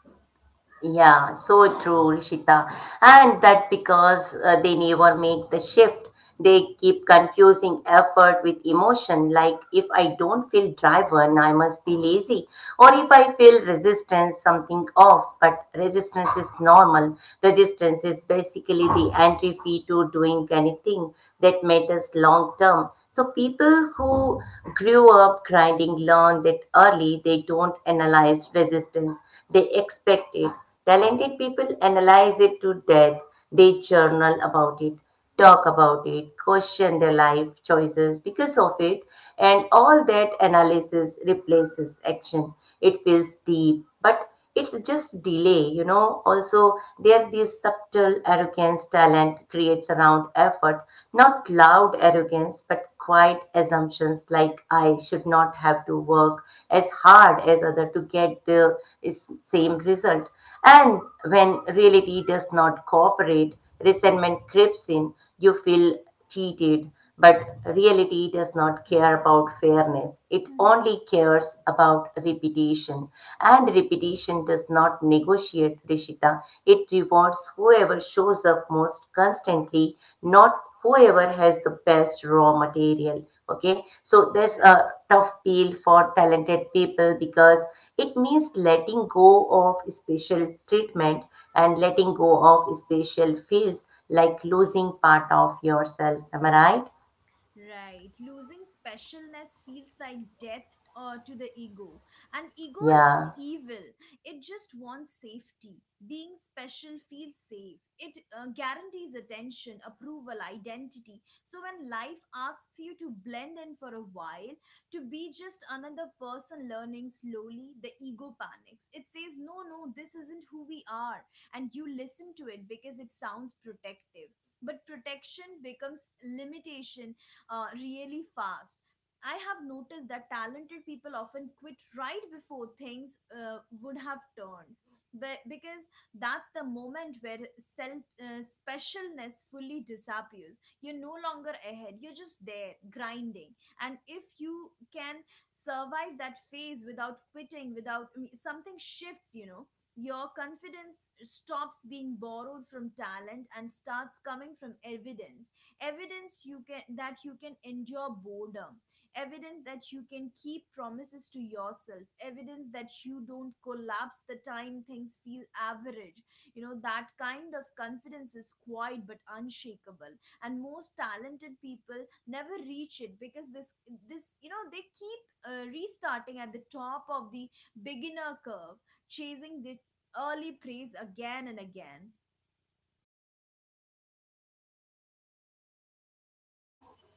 Speaker 2: Yeah, so true, Rishita. And that because they never make the shift, they keep confusing effort with emotion. Like, if I don't feel driven, I must be lazy. Or if I feel resistance, something off. But resistance is normal. Resistance is basically the entry fee to doing anything that matters long term. So people who grew up grinding learn that early, they don't analyze resistance, they expect it. Talented people analyze it to death. They journal about it, talk about it, question their life choices because of it, and all that analysis replaces action. It feels deep, but it's just delay, you know. Also, there this subtle arrogance talent creates around effort, not loud arrogance, but quiet assumptions like I should not have to work as hard as other to get the same result. And when reality does not cooperate, resentment creeps in. You feel cheated, but reality does not care about fairness. It
Speaker 1: Hmm.
Speaker 2: only cares about repetition. And repetition does not negotiate, Rishita. It rewards whoever shows up most constantly, not whoever has the best raw material. Okay, so
Speaker 1: Right.
Speaker 2: there's a tough peel for talented people because it means letting go of special treatment and letting go of special fields, like losing part of yourself. Am I right?
Speaker 1: Right. Losing specialness feels like death to the ego. And ego isn't
Speaker 2: Yeah,
Speaker 1: evil, it just wants safety. Being special feels safe. It guarantees attention, approval, identity. So when life asks you to blend in for a while, to be just another person learning slowly, the ego panics. It says, no, no, this isn't who we are. And you listen to it because it sounds protective, but protection becomes limitation really fast. I have noticed that talented people often quit right before things would have turned, but because that's the moment where self specialness fully disappears. You're no longer ahead; you're just there grinding. And if you can survive that phase without quitting, without I mean, something shifts, you know, your confidence stops being borrowed from talent and starts coming from evidence. Evidence you can that you can endure boredom, evidence that you can keep promises to yourself, evidence that you don't collapse the time things feel average. You know, that kind of confidence is quiet but unshakable. And most talented people never reach it because this, you know, they keep restarting at the top of the beginner curve, chasing the early praise again and again.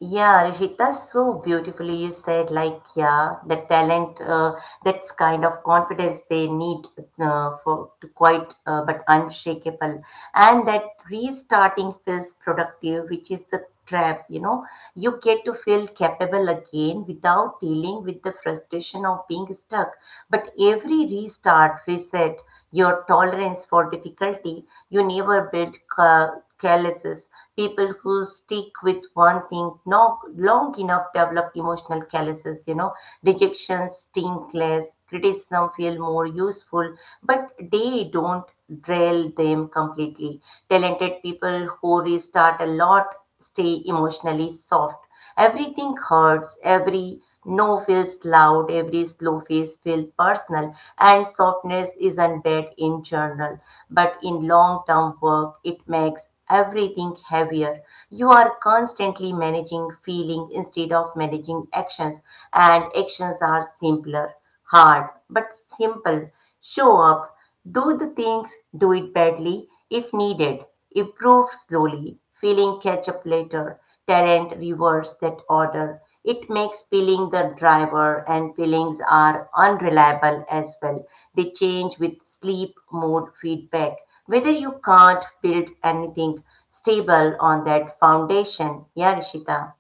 Speaker 2: yeah, Rishit, that's so beautifully you said, like, yeah, the talent, that's kind of confidence they need for to quite but unshakable. And that restarting feels productive, which is the trap, you know. You get to feel capable again without dealing with the frustration of being stuck. But every restart, reset, your tolerance for difficulty, you never built. Calluses. People who stick with one thing no, long enough develop emotional calluses, you know. Rejection sting less, criticism feel more useful, but they don't drill them completely. Talented people who restart a lot stay emotionally soft. Everything hurts, every no feels loud, every slow face feels personal, and softness isn't bad in general, but in long term work it makes everything heavier. You are constantly managing feeling instead of managing actions, and actions are simpler, hard, but simple. Show up, do the things, do it badly if needed, improve slowly, feeling catch up later. Talent viewers that order. It makes peeling the driver, and peelings are unreliable as well. They change with sleep mode feedback. Whether you can't build anything stable on that foundation. Yeah, Rishita.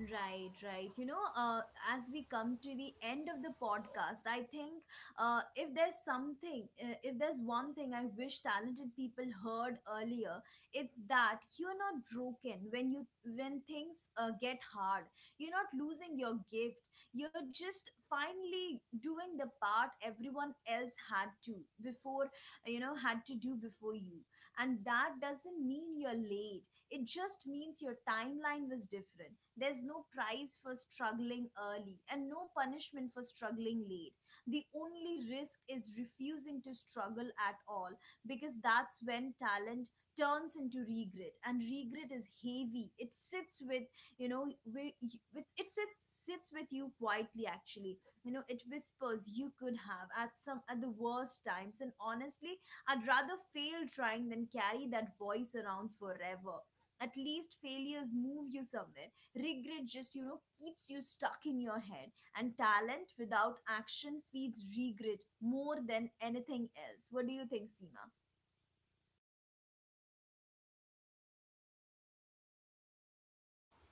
Speaker 1: Right, right. You know, as we come to the end of the podcast, I think, if there's one thing I wish talented people heard earlier, it's that you're not broken when you when things get hard. You're not losing your gift. You're just finally doing the part everyone else before, had to do before you. And that doesn't mean you're late. It just means your timeline was different. There's no prize for struggling early and no punishment for struggling late. The only risk is refusing to struggle at all, because that's when talent turns into regret. And regret is heavy. It sits with, you know with it sits sits with you quietly, actually, you know. It whispers, you could have, at some, at the worst times. And honestly, I'd rather fail trying than carry that voice around forever. At least failures move you somewhere, regret just, you know, keeps you stuck in your head. And talent without action feeds regret more than anything else. What do you think, Seema?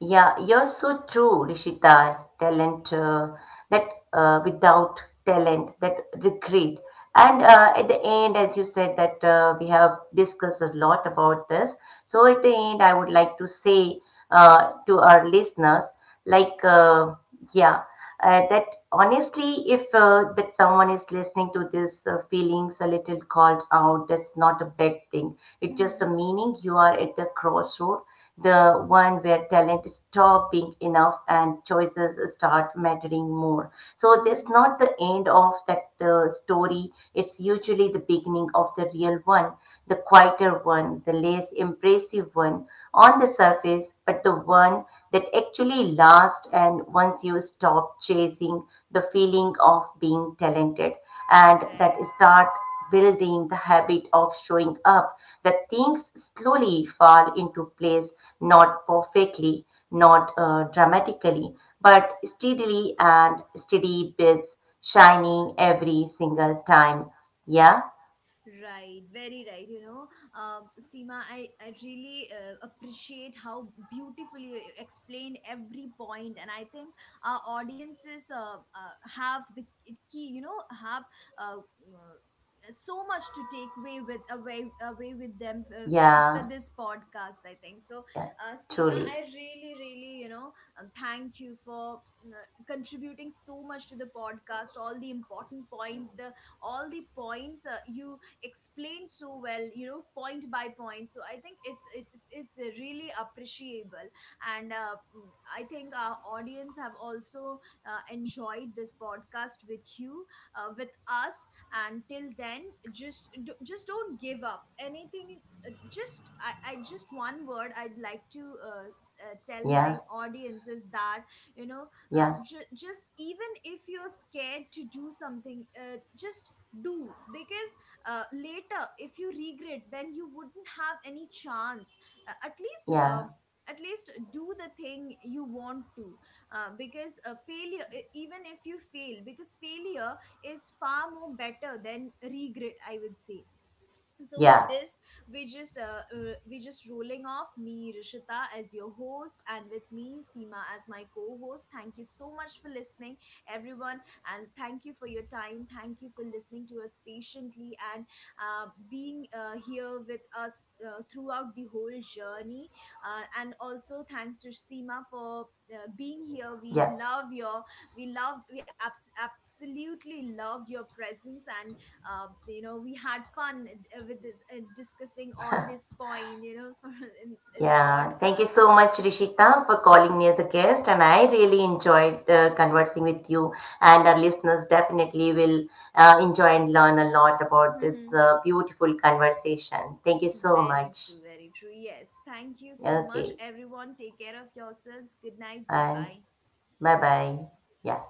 Speaker 2: Yeah, you're so true, Rishita. Talent, that without talent, that regret. And at the end, as you said, that we have discussed a lot about this. So at the end, I would like to say to our listeners like yeah, that honestly, if that someone is listening to this feelings a little called out, that's not a bad thing, it's just a
Speaker 1: Mm-hmm.
Speaker 2: meaning you are at the crossroad, the one where talent stop being enough and choices start mattering more. So that's not the end of that story, it's usually the beginning of the real one, the quieter one, the less impressive one on the surface, but the one that actually lasts. And once you stop chasing the feeling of being talented and that start building the habit of showing up, that things slowly fall into place, not perfectly, not dramatically, but steadily, and steady bits shiny every single time. Yeah,
Speaker 1: Right, very right. You know, Seema, I really appreciate how beautifully you explained every point, and I think our audiences have the key. You know, have uh, so much to take away with away away with them after
Speaker 2: yeah,
Speaker 1: this podcast. I think so,
Speaker 2: yeah,
Speaker 1: Seema.
Speaker 2: truly.
Speaker 1: I really, really, you know, thank you for. Contributing so much to the podcast, all the important points, the all the points you explained so well, you know, point by point. So I think it's really appreciable. And I think our audience have also enjoyed this podcast with you with us. And till then, just don't give up anything. I just one word I'd like to tell my
Speaker 2: Yeah,
Speaker 1: audience is that, you know,
Speaker 2: yeah,
Speaker 1: just even if you're scared to do something, just do, because later if you regret, then you wouldn't have any chance. At least,
Speaker 2: yeah.
Speaker 1: at least do the thing you want to, because, even if you fail, because failure is far more better than regret, I would say. So
Speaker 2: Yeah,
Speaker 1: with this, we just rolling off. Me, Rishita, as your host, and with me, Seema, as my co-host. Thank you so much for listening, everyone, and thank you for your time. Thank you for listening to us patiently, and being here with us throughout the whole journey. And also thanks to Seema for being here. We
Speaker 2: yeah,
Speaker 1: love your, we loved we abs- absolutely loved your presence. And you know, we had fun with this, discussing all this point, you know in the
Speaker 2: yeah. Thank you
Speaker 1: podcast.
Speaker 2: so much, Rishita, for calling me as a guest. And I really enjoyed conversing with you. And our listeners definitely will enjoy and learn a lot about this
Speaker 1: Mhm.
Speaker 2: beautiful conversation. Thank you so
Speaker 1: Very
Speaker 2: much.
Speaker 1: true, very true. Yes, thank you so much,
Speaker 2: Okay,
Speaker 1: everyone. Take care of yourselves. Good night.
Speaker 2: and
Speaker 1: Goodbye.
Speaker 2: bye bye. Yeah.